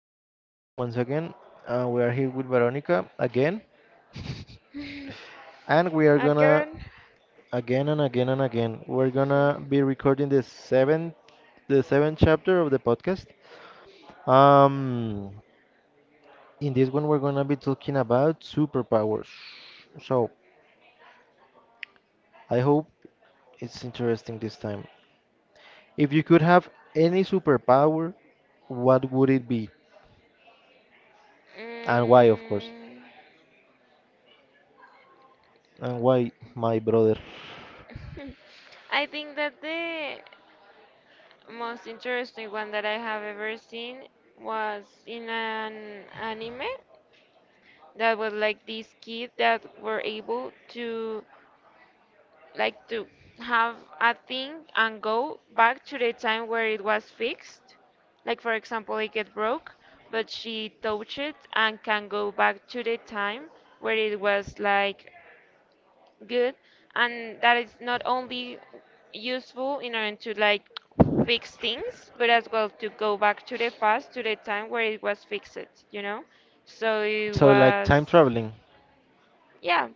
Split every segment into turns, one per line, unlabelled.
morning to everyone once again. We are here with Veronica again, and we are gonna
Again,
again and again and again. We're gonna be recording the seventh chapter of the podcast. Um, in this one, we're gonna be talking about superpowers. So I hope it's interesting this time. If you could have any superpower, what would it be, and why, of course,
mm,
and why, my brother?
I think that the most interesting one that I have ever seen was in an anime that was like these kids that were able to like to have a thing and go back to the time where it was fixed. Like for example, it get broke, but she touched it and can go back to the time where it was like good, and that is not only useful in order to like fix things, but as well to go back to the past to the time where it was fixed, you know. So it
So like
was
time traveling.
yeah,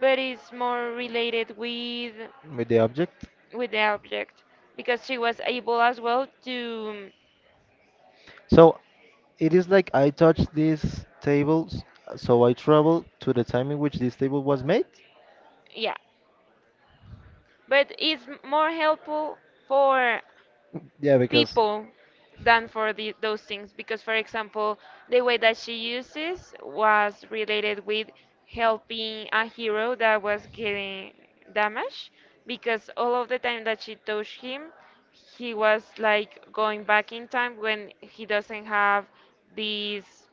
but it's more related with
With the object.
the object because she was able as well to
So it is like I touched these tables, so I travel to the time in which this table was made.
yeah, but it's more helpful for
Yeah, because
people than for those things. Because for example, the way that she uses was related with helping a hero that was getting damaged because all of the time that she touched him, he was like going back in time when he doesn't have these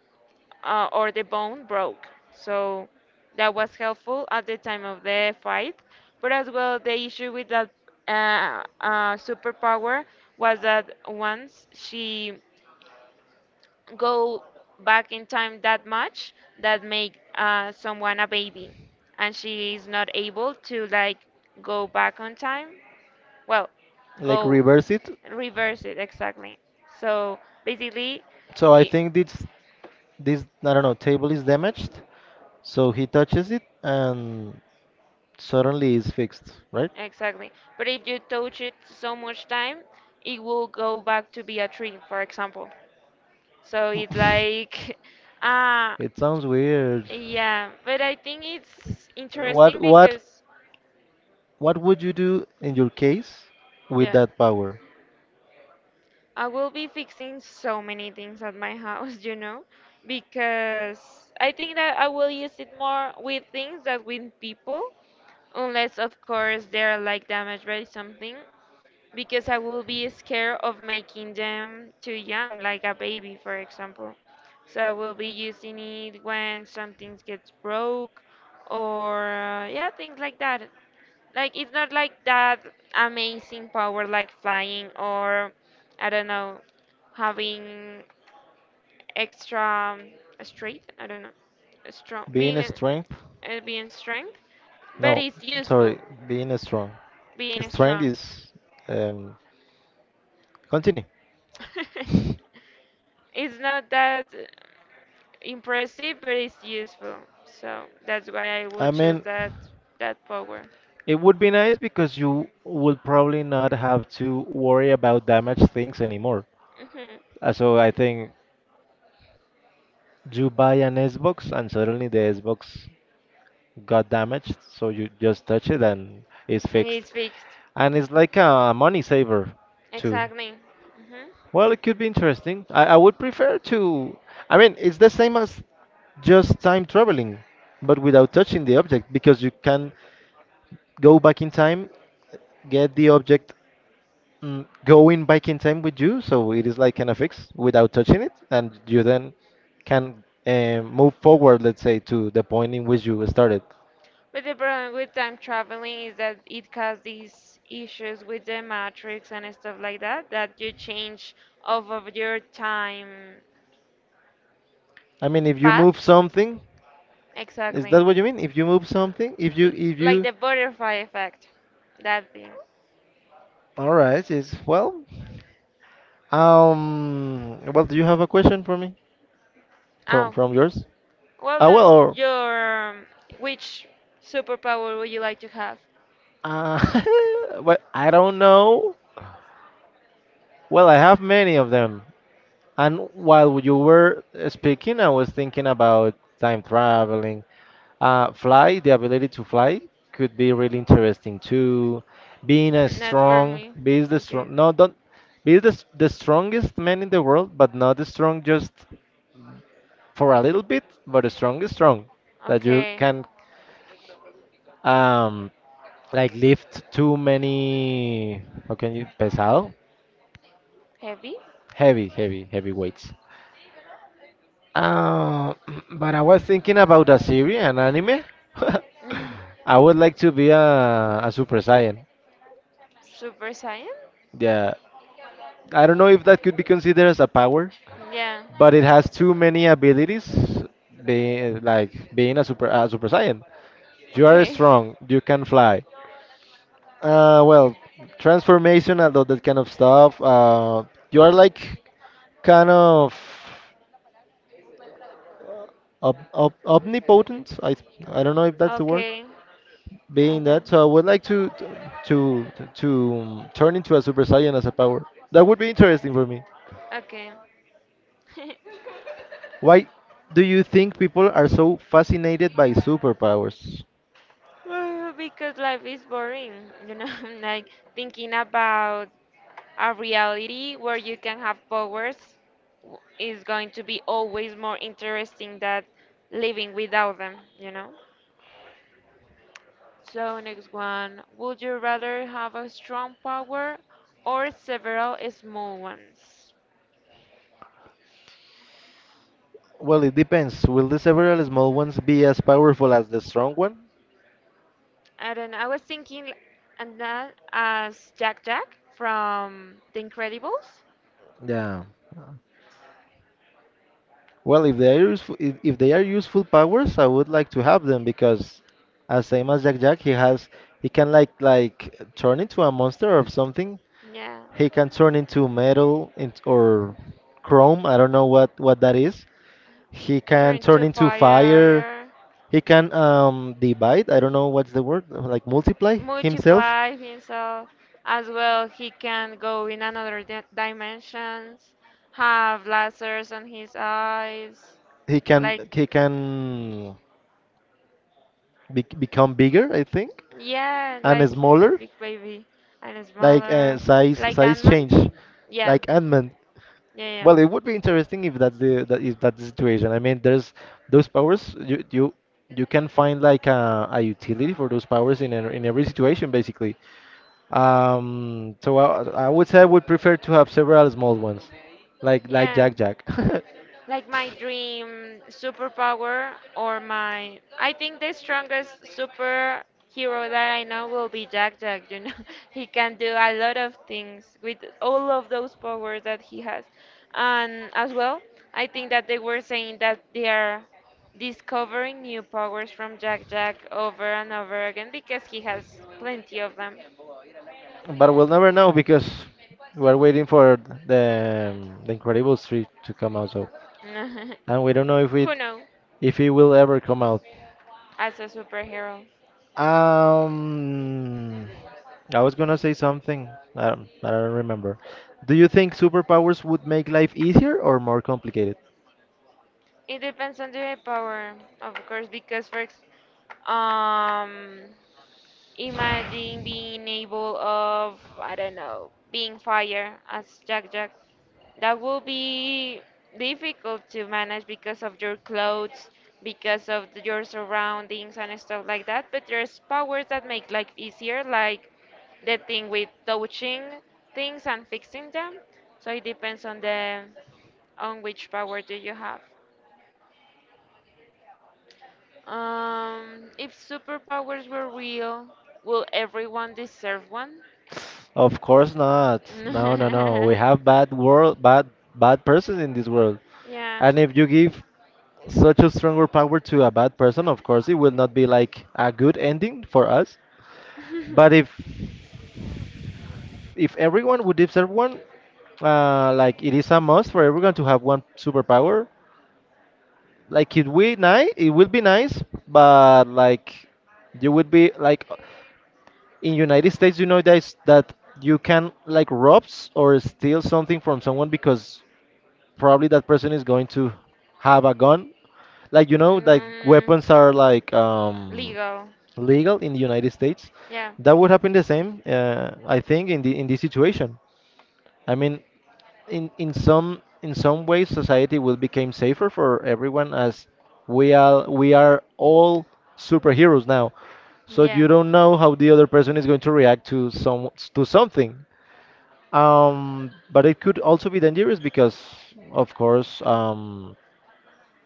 or the bone broke. So that was helpful at the time of the fight. But as well, the issue with that superpower was that once she go back in time that much, that make someone a baby, and she is not able to like go back on time. Well,
like
go
reverse it.
reverse it exactly. So basically,
So I
i-
think this, I don't know, table is damaged. So he touches it and suddenly it's fixed, right?
exactly. But if you touch it so much time, it will go back to be a tree, for example. So it's like, ah,
It sounds weird.
yeah. But I think it's interesting
What what
because,
what would you do in your case with
yeah,
that power?
I will be fixing so many things at my house, you know, because I think that I will use it more with things than with people, unless, of course, they're like damaged by something. Because I will be scared of making them too young, like a baby, for example. So I will be using it when something gets broke or yeah, things like that. Like it's not like that amazing power like flying or I don't know, having extra strength. I don't know, strong being
Being strength?
a, being strength, but
No,
it's useful
sorry, being strong.
being
Strength
strong.
is um continue.
It's not that impressive, but it's useful. So that's why I will
I
choose
mean,
that power.
it would be nice because you would probably not have to worry about damaged things anymore.
Hmm.
So I think you buy an Xbox and suddenly the Xbox got damaged, so you just touch it and it's
And
fixed.
it's fixed.
And it's like a money saver too.
Exactly. Hmm.
Well, it could be interesting. I would prefer to. I mean, it's the same as just time traveling, but without touching the object, because you can go back in time, get the object, going back in time with you, so it is like kind of fixed without touching it, and you then can move forward, let's say, to the point in which you started.
But the problem with time traveling is that it causes these issues with the matrix and stuff like that, that you change off of your time
I mean, if you
path.
move something, is
Exactly.
that what you mean? If you move something, if you
L-
if
like
you
the butterfly effect. That thing.
all right, is well. Well, do you have a question for me? From
Oh,
from yours?
well, no,
Well, or,
your. Which superpower would you like to have?
uh, well, I don't know. Well, I have many of them. And while you were speaking, I was thinking about time traveling. Fly, the ability to fly could be really interesting too. Being a
Not for
strong,
me.
be the
Okay.
strong, no, don't be the strongest man in the world, but not the strong just for a little bit, but the strongest strong that you
Okay.
can, um like, lift too many, how can you, pesado,
Heavy?
heavy heavy heavy weights, uh, but I was thinking about a series, an anime.
Mm.
I would like to be a Super Saiyan.
Super Saiyan?
Yeah, I don't know if that could be considered as a power,
Yeah.
but it has too many abilities. Being like being a Super Saiyan, you are
Okay.
strong, you can fly, well, transformation, and all that kind of stuff. You are like kind of omnipotent. I don't know if that's the word.
Okay. I
Being
got.
that, so I would like to turn into a Super Saiyan as a power. That would be interesting for me.
Okay.
Why do you think people are so fascinated by superpowers?
Well, because life is boring, you know, like thinking about a reality where you can have powers is going to be always more interesting than living without them, you know? So, next one. Would you rather have a strong power or several small ones?
Well, it depends. Will the several small ones be as powerful as the strong one?
I don't know. I was thinking and that as Jack Jack from The Incredibles.
Yeah. Well, if they are useful, if they are useful powers, I would like to have them because, as same as Jack Jack, he can like turn into a monster or something.
Yeah.
He can turn into metal, or chrome. I don't know what that is. He can
Turn
turn
to
into fire.
fire.
He can divide. I don't know what's the word, like multiply himself.
Multiply himself as well. He can go in another dimensions, have lasers on his eyes,
He can
like
he can become bigger, I think,
yeah,
and
like a
smaller.
big baby and
Like,
smaller,
size
like
size
Ant-Man.
change.
Yeah,
Like ant.
yeah,
Well, it would be interesting if that's the that if that's the situation. I mean, there's those powers, you you can find like a utility for those powers in every situation basically. So I would say I would prefer to have several small ones, like
yeah,
like
yeah.
Jack Jack.
Like my dream superpower or my I think the strongest superhero that I know will be Jack Jack, you know. He can do a lot of things with all of those powers that he has. And as well, I think that they were saying that they are discovering new powers from Jack Jack over and over again because he has plenty of them.
But we'll never know because we're waiting for the the Incredibles 3 to come out. So, and we don't know
Who knows?
if it will ever come out.
As a superhero.
Um, I was gonna say something. I don't remember. Do you think superpowers would make life easier or more complicated?
It depends on the power, of course, because um, imagine being able of I don't know being fire as Jack Jack, that will be difficult to manage because of your clothes, because of your surroundings and stuff like that. But there's powers that make life easier, like the thing with touching things and fixing them. So it depends on the on which power do you have. If superpowers were real, will everyone deserve one?
Of course not. No, no, no. We have bad world, bad, bad persons in this world.
Yeah.
And if you give such a stronger power to a bad person, of course it will not be like a good ending for us. But if everyone would, if everyone like, it is a must for everyone to have one superpower, like, it will be nice, but like, you would be like in United States, you know that it's, that you can like rob, or steal something from someone because probably that person is going to have a gun, like, like,
um,
weapons are like
legal.
legal in the United States.
Yeah,
That would happen the same, I think, in the, in this situation. I mean, in some ways, society will become safer for everyone as we are all superheroes now. So
yeah,
you don't know how the other person is going to react to some, to something. But it could also be dangerous because, of course,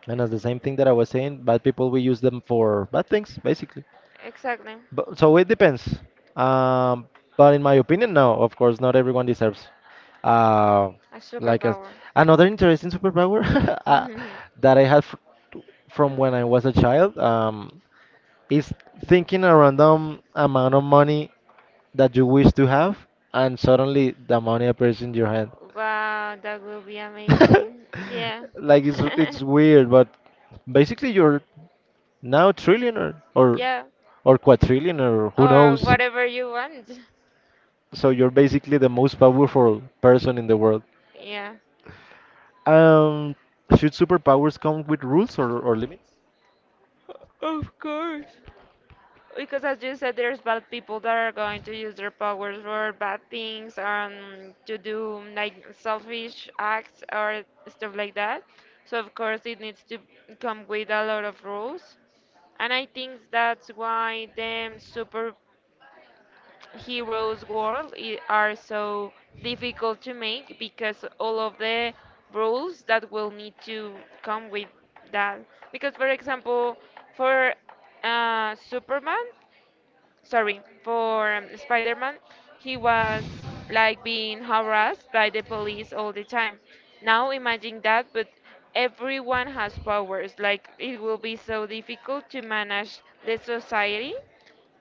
and that's the same thing that I was saying, bad people, we use them for bad things, basically.
exactly.
But, so it depends. Um, but in my opinion, no, of course, not everyone deserves. Uh,
A
like
superpower.
another interesting superpower,
Wow,
uh, that I had fr from when I was a child, is thinking a random amount of money that you wish to have, and suddenly the money appears in your hand.
that would be amazing. Yeah.
Like, it's weird, but basically you're now trillionaire,
Yeah,
or quadrillionaire, or who
or
knows?
whatever you want.
So you're basically the most powerful person in the world.
Yeah.
Um, should superpowers come with rules, or limits?
Of course. Because as you said, there's bad people that are going to use their powers for bad things, to do like selfish acts or stuff like that. So of course it needs to come with a lot of rules, and I think that's why the superheroes world are so difficult to make because all of the rules that will need to come with that. Because for example, for uh, Superman for Spider-Man, he was like being harassed by the police all the time. Now imagine that, but everyone has powers. Like it will be so difficult to manage the society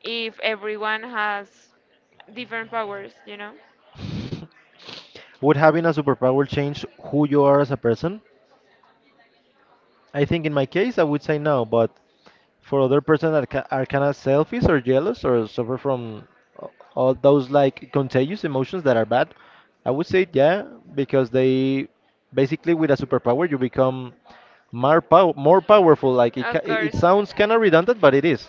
if everyone has different powers, you know?
Would having a superpower change who you are as a person? I think in my case, I would say no, but for other person that are kind of selfish or jealous or suffer from a- all those like contagious emotions that are bad, I would say yeah, because they basically with a superpower you become more, more powerful. Like it,
Of
ca- it
course.
sounds kind of redundant, but it is.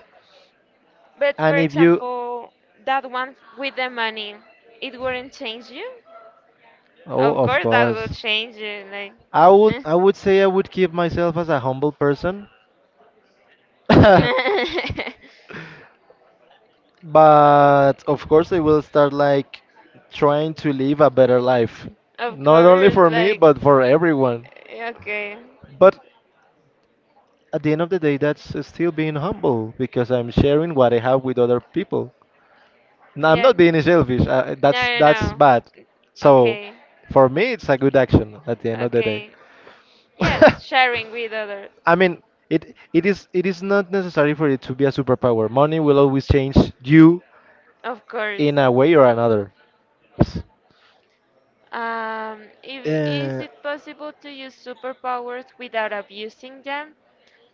But for
And if you,
example, that one with the money, it wouldn't change you?
oh,
Of
of
course, that will
course.
change it. Like,
I would
eh.
I would say I would keep myself as a humble person. But of course I will start like trying to live a better life,
Of
not only
course,
for me
like,
but for everyone.
eh, okay,
But at the end of the day that's still being humble because I'm sharing what I have with other people. Now I'm
yeah.
not being selfish. That's
No, no, no.
bad. So
Okay,
for me it's a good action at the end of the day.
okay. Yes, sharing with others.
I mean, it is not necessary for it to be a superpower. Money will always change you
Of course.
in a way or another.
If, is
Uh,
it possible to use superpowers without abusing them?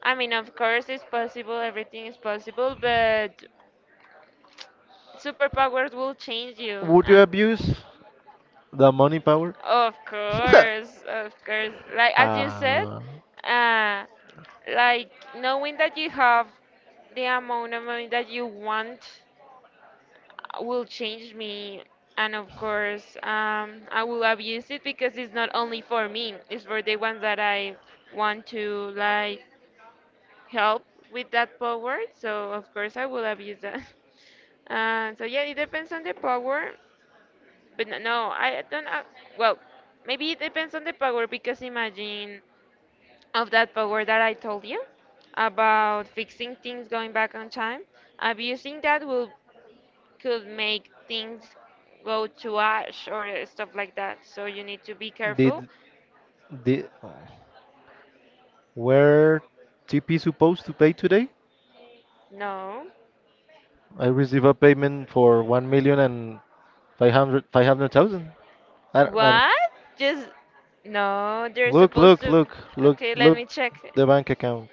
I mean, of course, it's possible, everything is possible, but superpowers will change you.
Would you abuse the money power?
Of course, of course. Like as you said,
uh,
uh, like knowing that you have the amount of money that you want will change me. And of course, I will abuse it because it's not only for me; it's for the ones that I want to like help with that power. So of course, I will abuse that. So yeah, it depends on the power. But no, I don't. Well, maybe it depends on the power because imagine of that power that I told you about fixing things going back on time. Abusing that will could make things go to ash or stuff like that. So you need to be
did
careful.
did were TP supposed to pay today?
No.
I received a payment for one million and five hundred thousand. I don't, I don't.
What? Just no. They're
Look,
supposed
look,
to.
look, look,
Okay, let
look,
me check.
the bank account.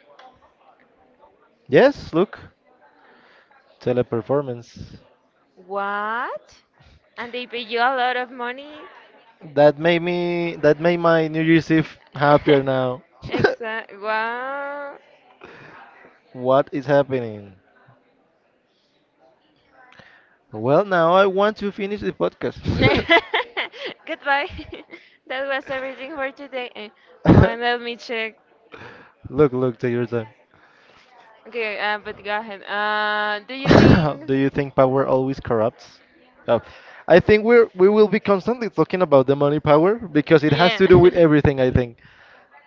Yes, look, Teleperformance.
What? And they pay you a lot of money.
That made me. That made my New Year's Eve happier now.
Exact. Wow.
What is happening? Well, now I want to finish the podcast.
Goodbye. That was everything for today. Eh, oh, and let me check.
Look, look, take your time.
Okay, but go ahead. Do you think?
Do you think power always corrupts? Oh, I think we will be constantly talking about the money power because it has
Yeah,
to do with everything. I think,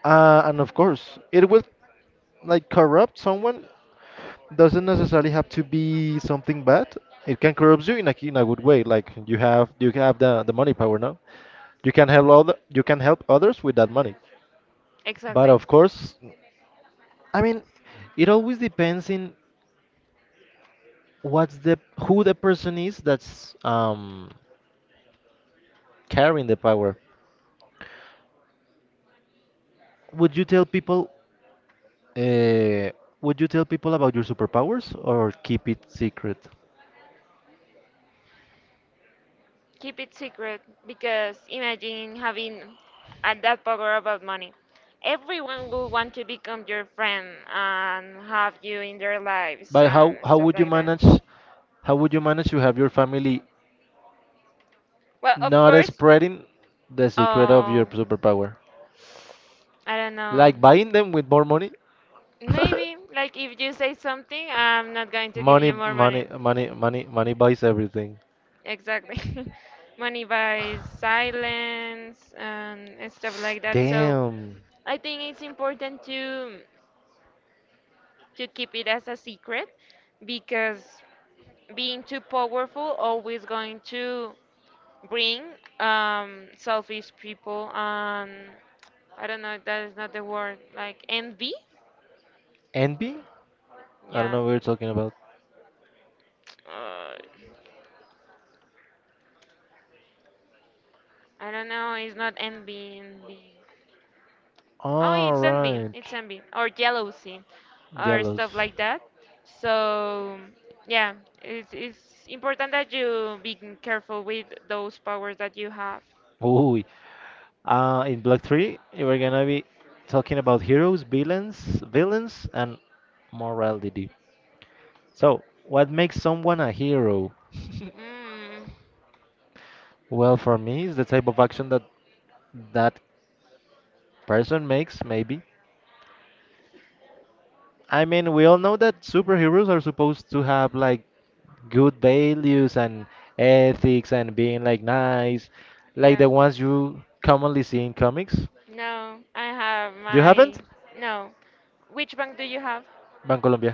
and of course, it will like corrupt someone. Doesn't necessarily have to be something bad. It can corrupt you in a good way. Like you have the money power now. You can help other, you can help others with that money. But
exactly.
of course, I mean, it always depends in what's the who the person is that's carrying the power. Would you tell people? Uh, would you tell people about your superpowers or keep it secret?
Keep it secret because imagine having at that power about money. Everyone will want to become your friend and have you in their lives
But
and
how
stuff
would you
like that.
manage? How would you manage to have your family
Well, of
not
course.
spreading the secret of your
Oh,
superpower?
I don't know.
Like buying them with more money?
Maybe, like if you say something, I'm not going to give
Money,
you more money.
money, money, money, money buys everything.
Exactly. Money buys silence and stuff like that. So
Damn.
I think it's important to keep it as a secret because being too powerful always going to bring selfish people and I don't know if that is not the word, like envy.
Envy? I don't
Yeah.
know what you're talking about.
Uh, I don't know, it's not envy. Oh,
All
it's
right.
envy, or jealousy, or
Yellows.
stuff like that. So, yeah, it's important that you be careful with those powers that you have.
Ooh. In Block 3, we're gonna be talking about heroes, villains, and morality. So, what makes someone a hero?
Mm,
Well, for me, it's the type of action that that person makes maybe. I mean, we all know that superheroes are supposed to have like good values and ethics and being like nice, like
yeah.
the ones you commonly see in comics.
No, I have
You
my.
haven't.
No. Which bank do you have?
Bank Colombia.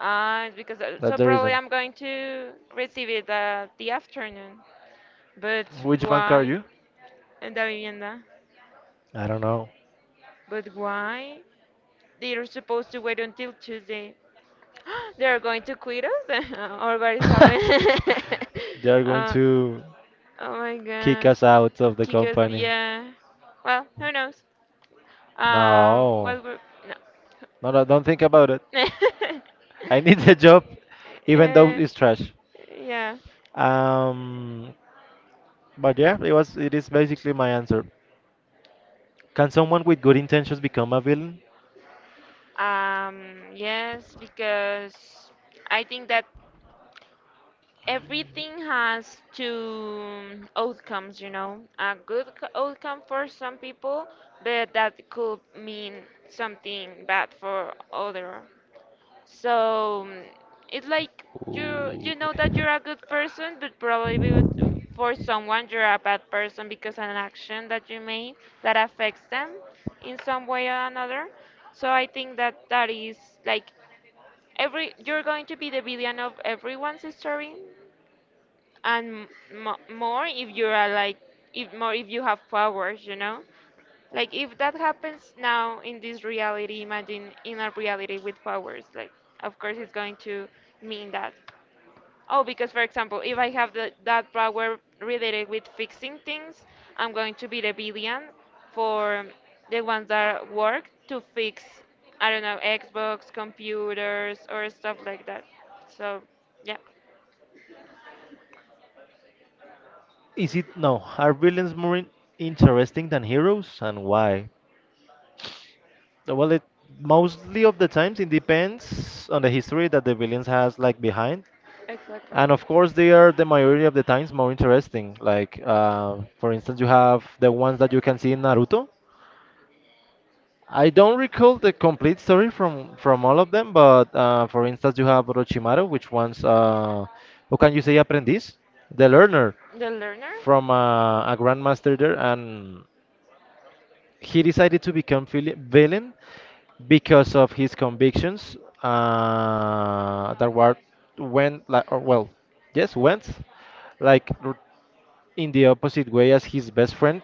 Ah, it's because
That's
so
the
probably
reason.
I'm going to receive it the afternoon. But
Which bank are
why?
you?
Eh, Da vivienda.
I don't know.
But why? They're supposed to wait until Tuesday. They're going to quit us? Or what is happening?
They are going
uh,
to
oh my
kick
god.
us out of the
Kiko's,
company.
yeah. Well, who knows?
No,
What were.
no, no, don't think about it.
No.
I need the job, even though
Uh,
it's trash.
yeah.
Um, but yeah, it was. It is basically my answer. Can someone with good intentions become a villain?
Yes, because I think that everything has two outcomes, you know. A outcome for some people, but that could mean something bad for other. So mm, it's like you know that you're a good person, but probably for someone you're a bad person because an action that you made that affects them in some way or another. So I think that that is like every you're going to be the villain of everyone's story, and more if you are like if you have powers, you know, like if that happens now in this reality, imagine in a reality with powers. Like of course it's going to mean that oh, because for example if I have that power related with fixing things, I'm going to be the billion for the ones that work to fix I don't know Xbox computers or stuff like that. So yeah,
Is it no? Are villains interesting than heroes, and why? Well, it mostly of the times it depends on the history that the villains has like behind.
exactly
And of course, they are the majority of the times more interesting. Like, for instance, you have the ones that you can see in Naruto. I don't recall the complete story from all of them, but for instance, you have Orochimaru, which one's who can you say apprentice, the learner
the learner.
from a grandmaster there, and he decided to become villain because of his convictions that were went like or well, yes, went like r- in the opposite way as his best friend,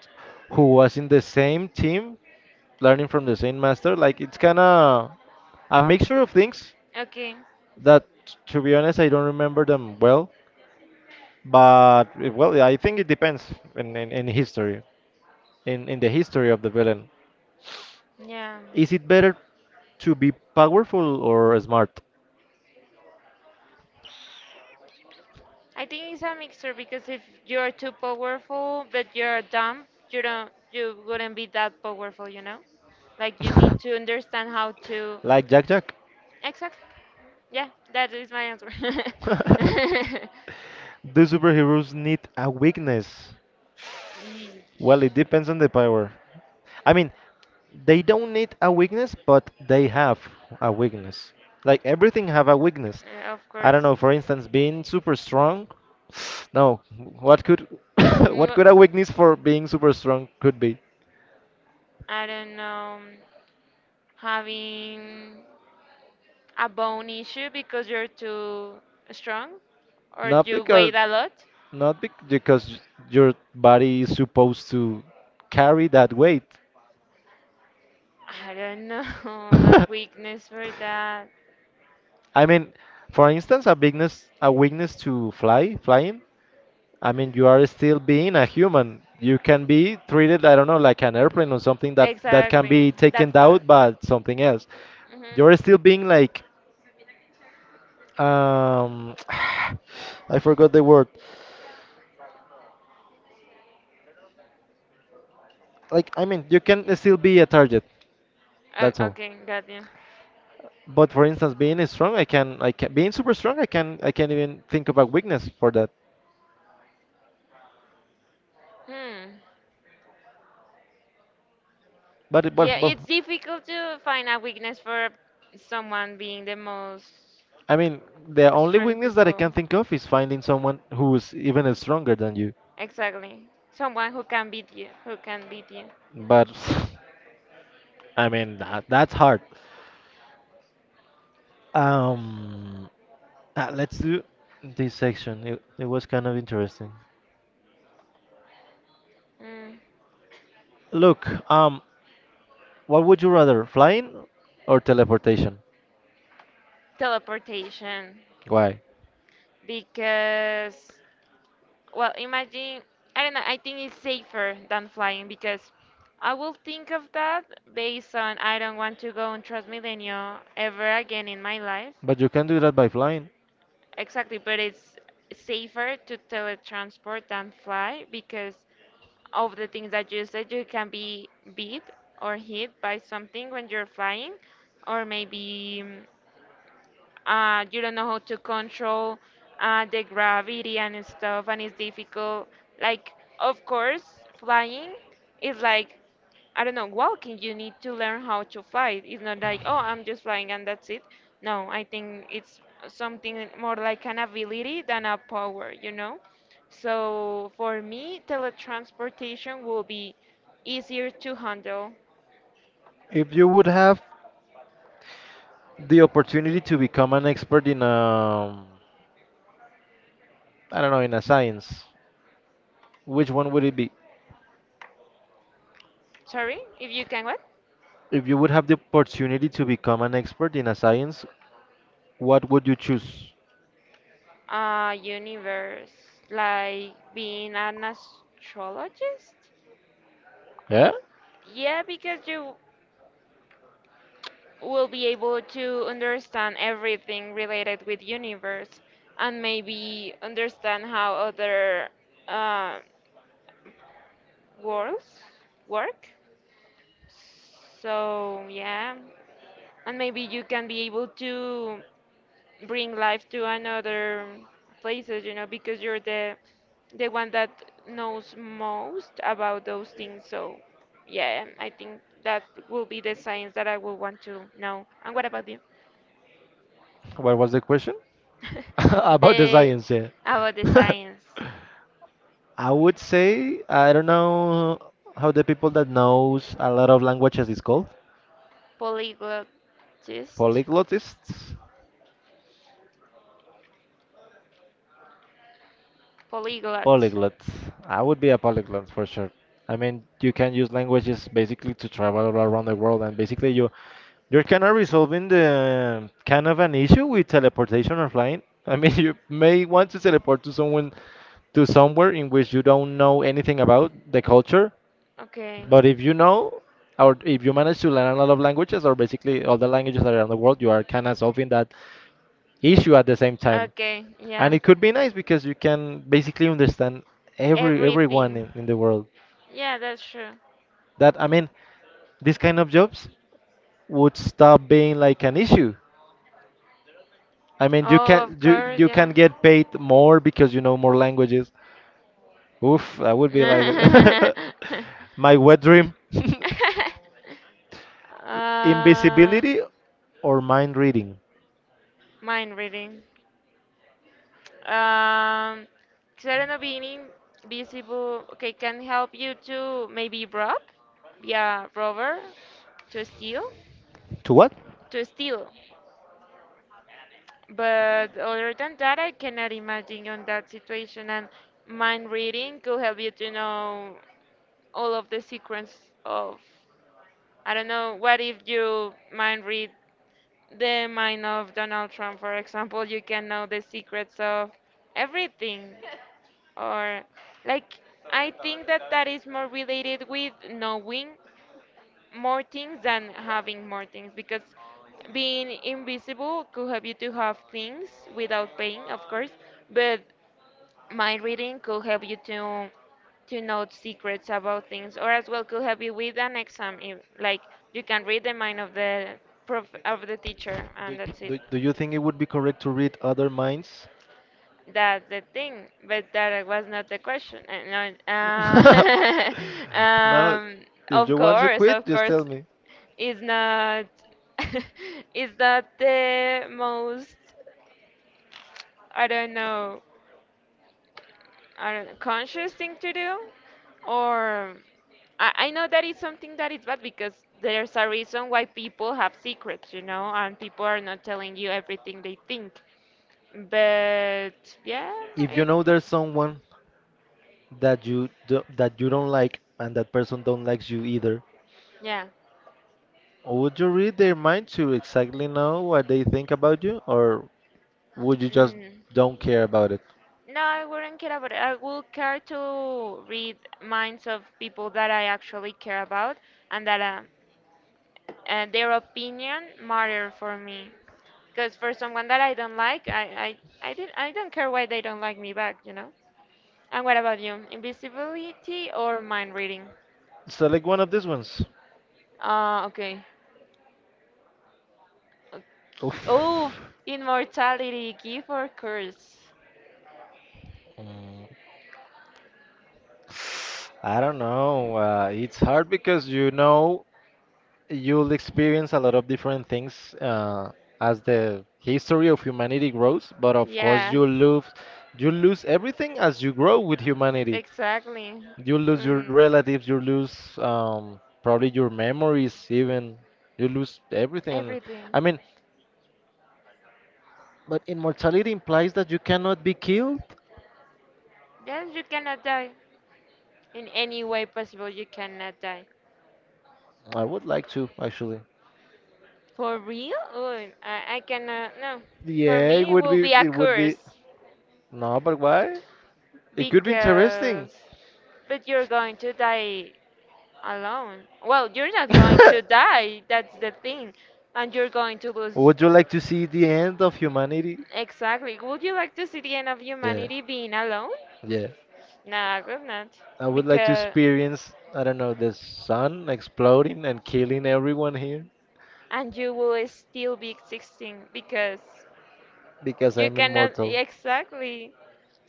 who was in the same team, learning from the same master. Like it's kind of a mixture of things
Okay.
that, to be honest, I don't remember them well. But well, I think it depends in history, in the history of the villain.
Yeah.
Is it better to be powerful or smart?
I think it's a mixture because if you're too powerful but you're dumb, you don't you wouldn't be that powerful, you know? Like you need to understand how to
Like Jack Jack.
exactly. Yeah, that is my answer.
Do superheroes need a weakness?
Yeesh.
Well, it depends on the power. I mean, they don't need a weakness, but they have a weakness. Like everything have a weakness.
Of
I don't
course.
know. For instance, being super strong. No, what could what
Ngo-
could a weakness for being super strong could be?
I don't know. Having a bone issue because you're too strong or
Not
you weigh
because
a lot?
not bec- because your body is supposed to carry that weight.
I don't know. A weakness for that.
I mean, for instance, a weakness to flying. I mean, you are still being a human. You can be treated, I don't know, like an airplane or something that can
Exactly.
be taken
That part.
out by something else.
Hmm.
You're still being like, um, I forgot the word. Like, I mean, you can still be a target. That's all.
Okay, got you.
But for instance, being strong, being super strong, I can't even think of a weakness for that.
Hmm. Yeah,
Well,
it's difficult to find a weakness for someone being the most
I mean, the only
strong
weakness that I
people.
can think of is finding someone who's even stronger than you.
Exactly. Someone who can beat you. Who can beat you.
But I mean, that's hard. Um, let's do this section. It was kind of interesting.
Mm.
Look, what would you rather, flying or teleportation?
Teleportation.
Why?
Because well, imagine, I don't know, I think it's safer than flying because I will think of that based on I don't want to go on Transmilenio ever again in my life.
But you can do that by flying.
Exactly, but it's safer to teletransport than fly because of the things that you said, you can be beat or hit by something when you're flying, or you don't know how to control the gravity and stuff, and it's difficult. Like, of course, flying is like, I don't know, walking. You need to learn how to fly. It's not like, oh, I'm just flying and that's it. No, I think it's something more like an ability than a power, you know? So for me, teletransportation will be easier to handle.
If you would have the opportunity to become an expert in I don't know, in a science, which one would it be?
Sorry, if you can what?
If you would have the opportunity to become an expert in a science, what would you choose?
Universe, like being an astrologist?
Yeah?
Yeah, because you will be able to understand everything related with universe and maybe understand how other uh, worlds work. So, yeah, and maybe you can be able to bring life to another places, you know, because you're the one that knows most about those things. So, yeah, I think that will be the science that I will want to know. And what about you?
What was the question? About the
the
science, yeah.
about the science,
I would say I don't know how the people that knows a lot of languages is called.
polyglotist,
Polyglotists.
polyglot.
Polyglots. I would be a polyglot for sure. I mean, you can use languages basically to travel all around the world, and basically you're kind of resolving the kind of an issue with teleportation or flying. I mean, you may want to teleport to someone to somewhere in which you don't know anything about the culture,
Okay.
but if you know or if you manage to learn a lot of languages or basically all the languages that are around the world, you are kind of solving that
Eh,
issue at the same time.
okay,
And
yeah.
it could be nice because you can basically understand everyone
Everything.
in the world.
Yeah, that's true.
That I mean, these kind of jobs would stop being like an issue. I mean,
Oh, of course,
you can
yeah.
get paid more because you know more languages. Oof, that would be like my wet dream.
uh,
Invisibility or mind reading?
mind reading. Um, Xerano being invisible, okay, can help you to maybe rob, yeah, robber, to steal,
To what?
to steal. But other than that, I cannot imagine on that situation. And mind reading could help you to know all of the secrets of I don't know. What if you mind read the mind of Donald Trump, for example? You can know the secrets of everything, or like I think that that is more related with knowing more things than having more things, because being invisible could help you to have things without paying, of course, but my reading could help you to know secrets about things or as well could help you with an exam if, like you can read the mind of the teacher and
Do,
that's it
do you think it would be correct to read other minds?
that's the thing but that was not the question Uh, no, uh,
No, if
of
you want to
course,
quit,
of
just tell
course
me.
it's not, it's not the most, I don't know, I don't know, conscious thing to do or I know that it's something that is bad because there's a reason why people have secrets, you know, and people are not telling you everything they think. But yeah,
If you
it
know there's someone that that you don't like and that person don't likes you either,
yeah.
would you read their mind to exactly know what they think about you, or would you just
Mm.
don't care about it?
No, I wouldn't care about it. I will care to read minds of people that I actually care about and that their opinion matter for me. Because for someone that I don't like, I don't care why they don't like me back, you know? And what about you? Invisibility or mind reading?
Select one of these ones.
Ah, okay. Okay.
Oof.
Oh, immortality, gift or curse?
Mm. I don't know. It's hard because you know you'll experience a lot of different things as the history of humanity grows, but of course
Yeah,
you lose everything as you grow with humanity.
exactly.
You lose your
Um,
relatives, you lose probably your memories even. You lose everything.
everything.
I mean, but immortality implies that you cannot be killed.
Yes, you cannot die. In any way possible, you cannot die.
I would like to actually.
For real? Ooh, I cannot. No. For
Yeah,
me, it will be a
it would be
curse
no, but why? It could be interesting.
because. But you're going to die alone. Well, you're not going to die. That's the thing. And you're going to lose.
Would you like to see the end of humanity?
Exactly. Would you like to see the end of
Yeah,
humanity being alone?
yeah.
No, I would not.
I would like to
Because.
experience, I don't know, the sun exploding and killing everyone here
And you will still be existing because
because
you
I'm
cannot.
immortal.
Exactly.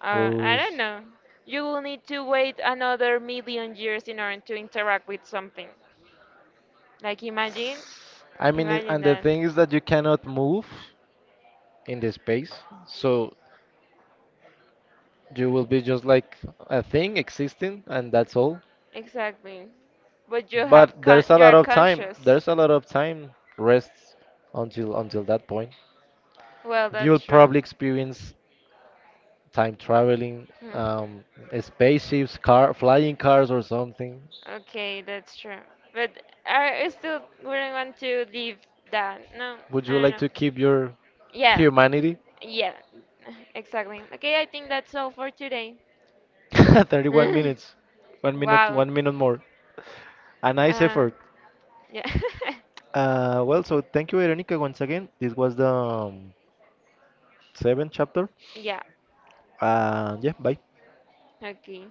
I don't
Who's
know. You will need to wait another 1,000,000 years in order to interact with something. Like imagine,
I mean, it-
imagine
and the
that.
thing is that you cannot move in the space, so you will be just like a thing existing, and that's all.
Exactly. But
But there's a
you
lot
are
of time.
conscious.
There's a lot of time rests until that point.
Well, that's
You'll
true.
probably experience time traveling,
Hmm.
um, spaceships, car, flying cars, or something.
Okay, that's true. But I still wouldn't want to leave that. No,
Would
no,
you
no.
like
no.
to keep your
Yeah,
humanity?
yeah, exactly. Okay, I think that's all for today.
31 minutes,
Wow.
one minute more. A nice
Uh,
effort.
yeah.
Well, so thank you, Veronica, once again. This was the seventh chapter.
Yeah.
Yeah, bye.
Okay.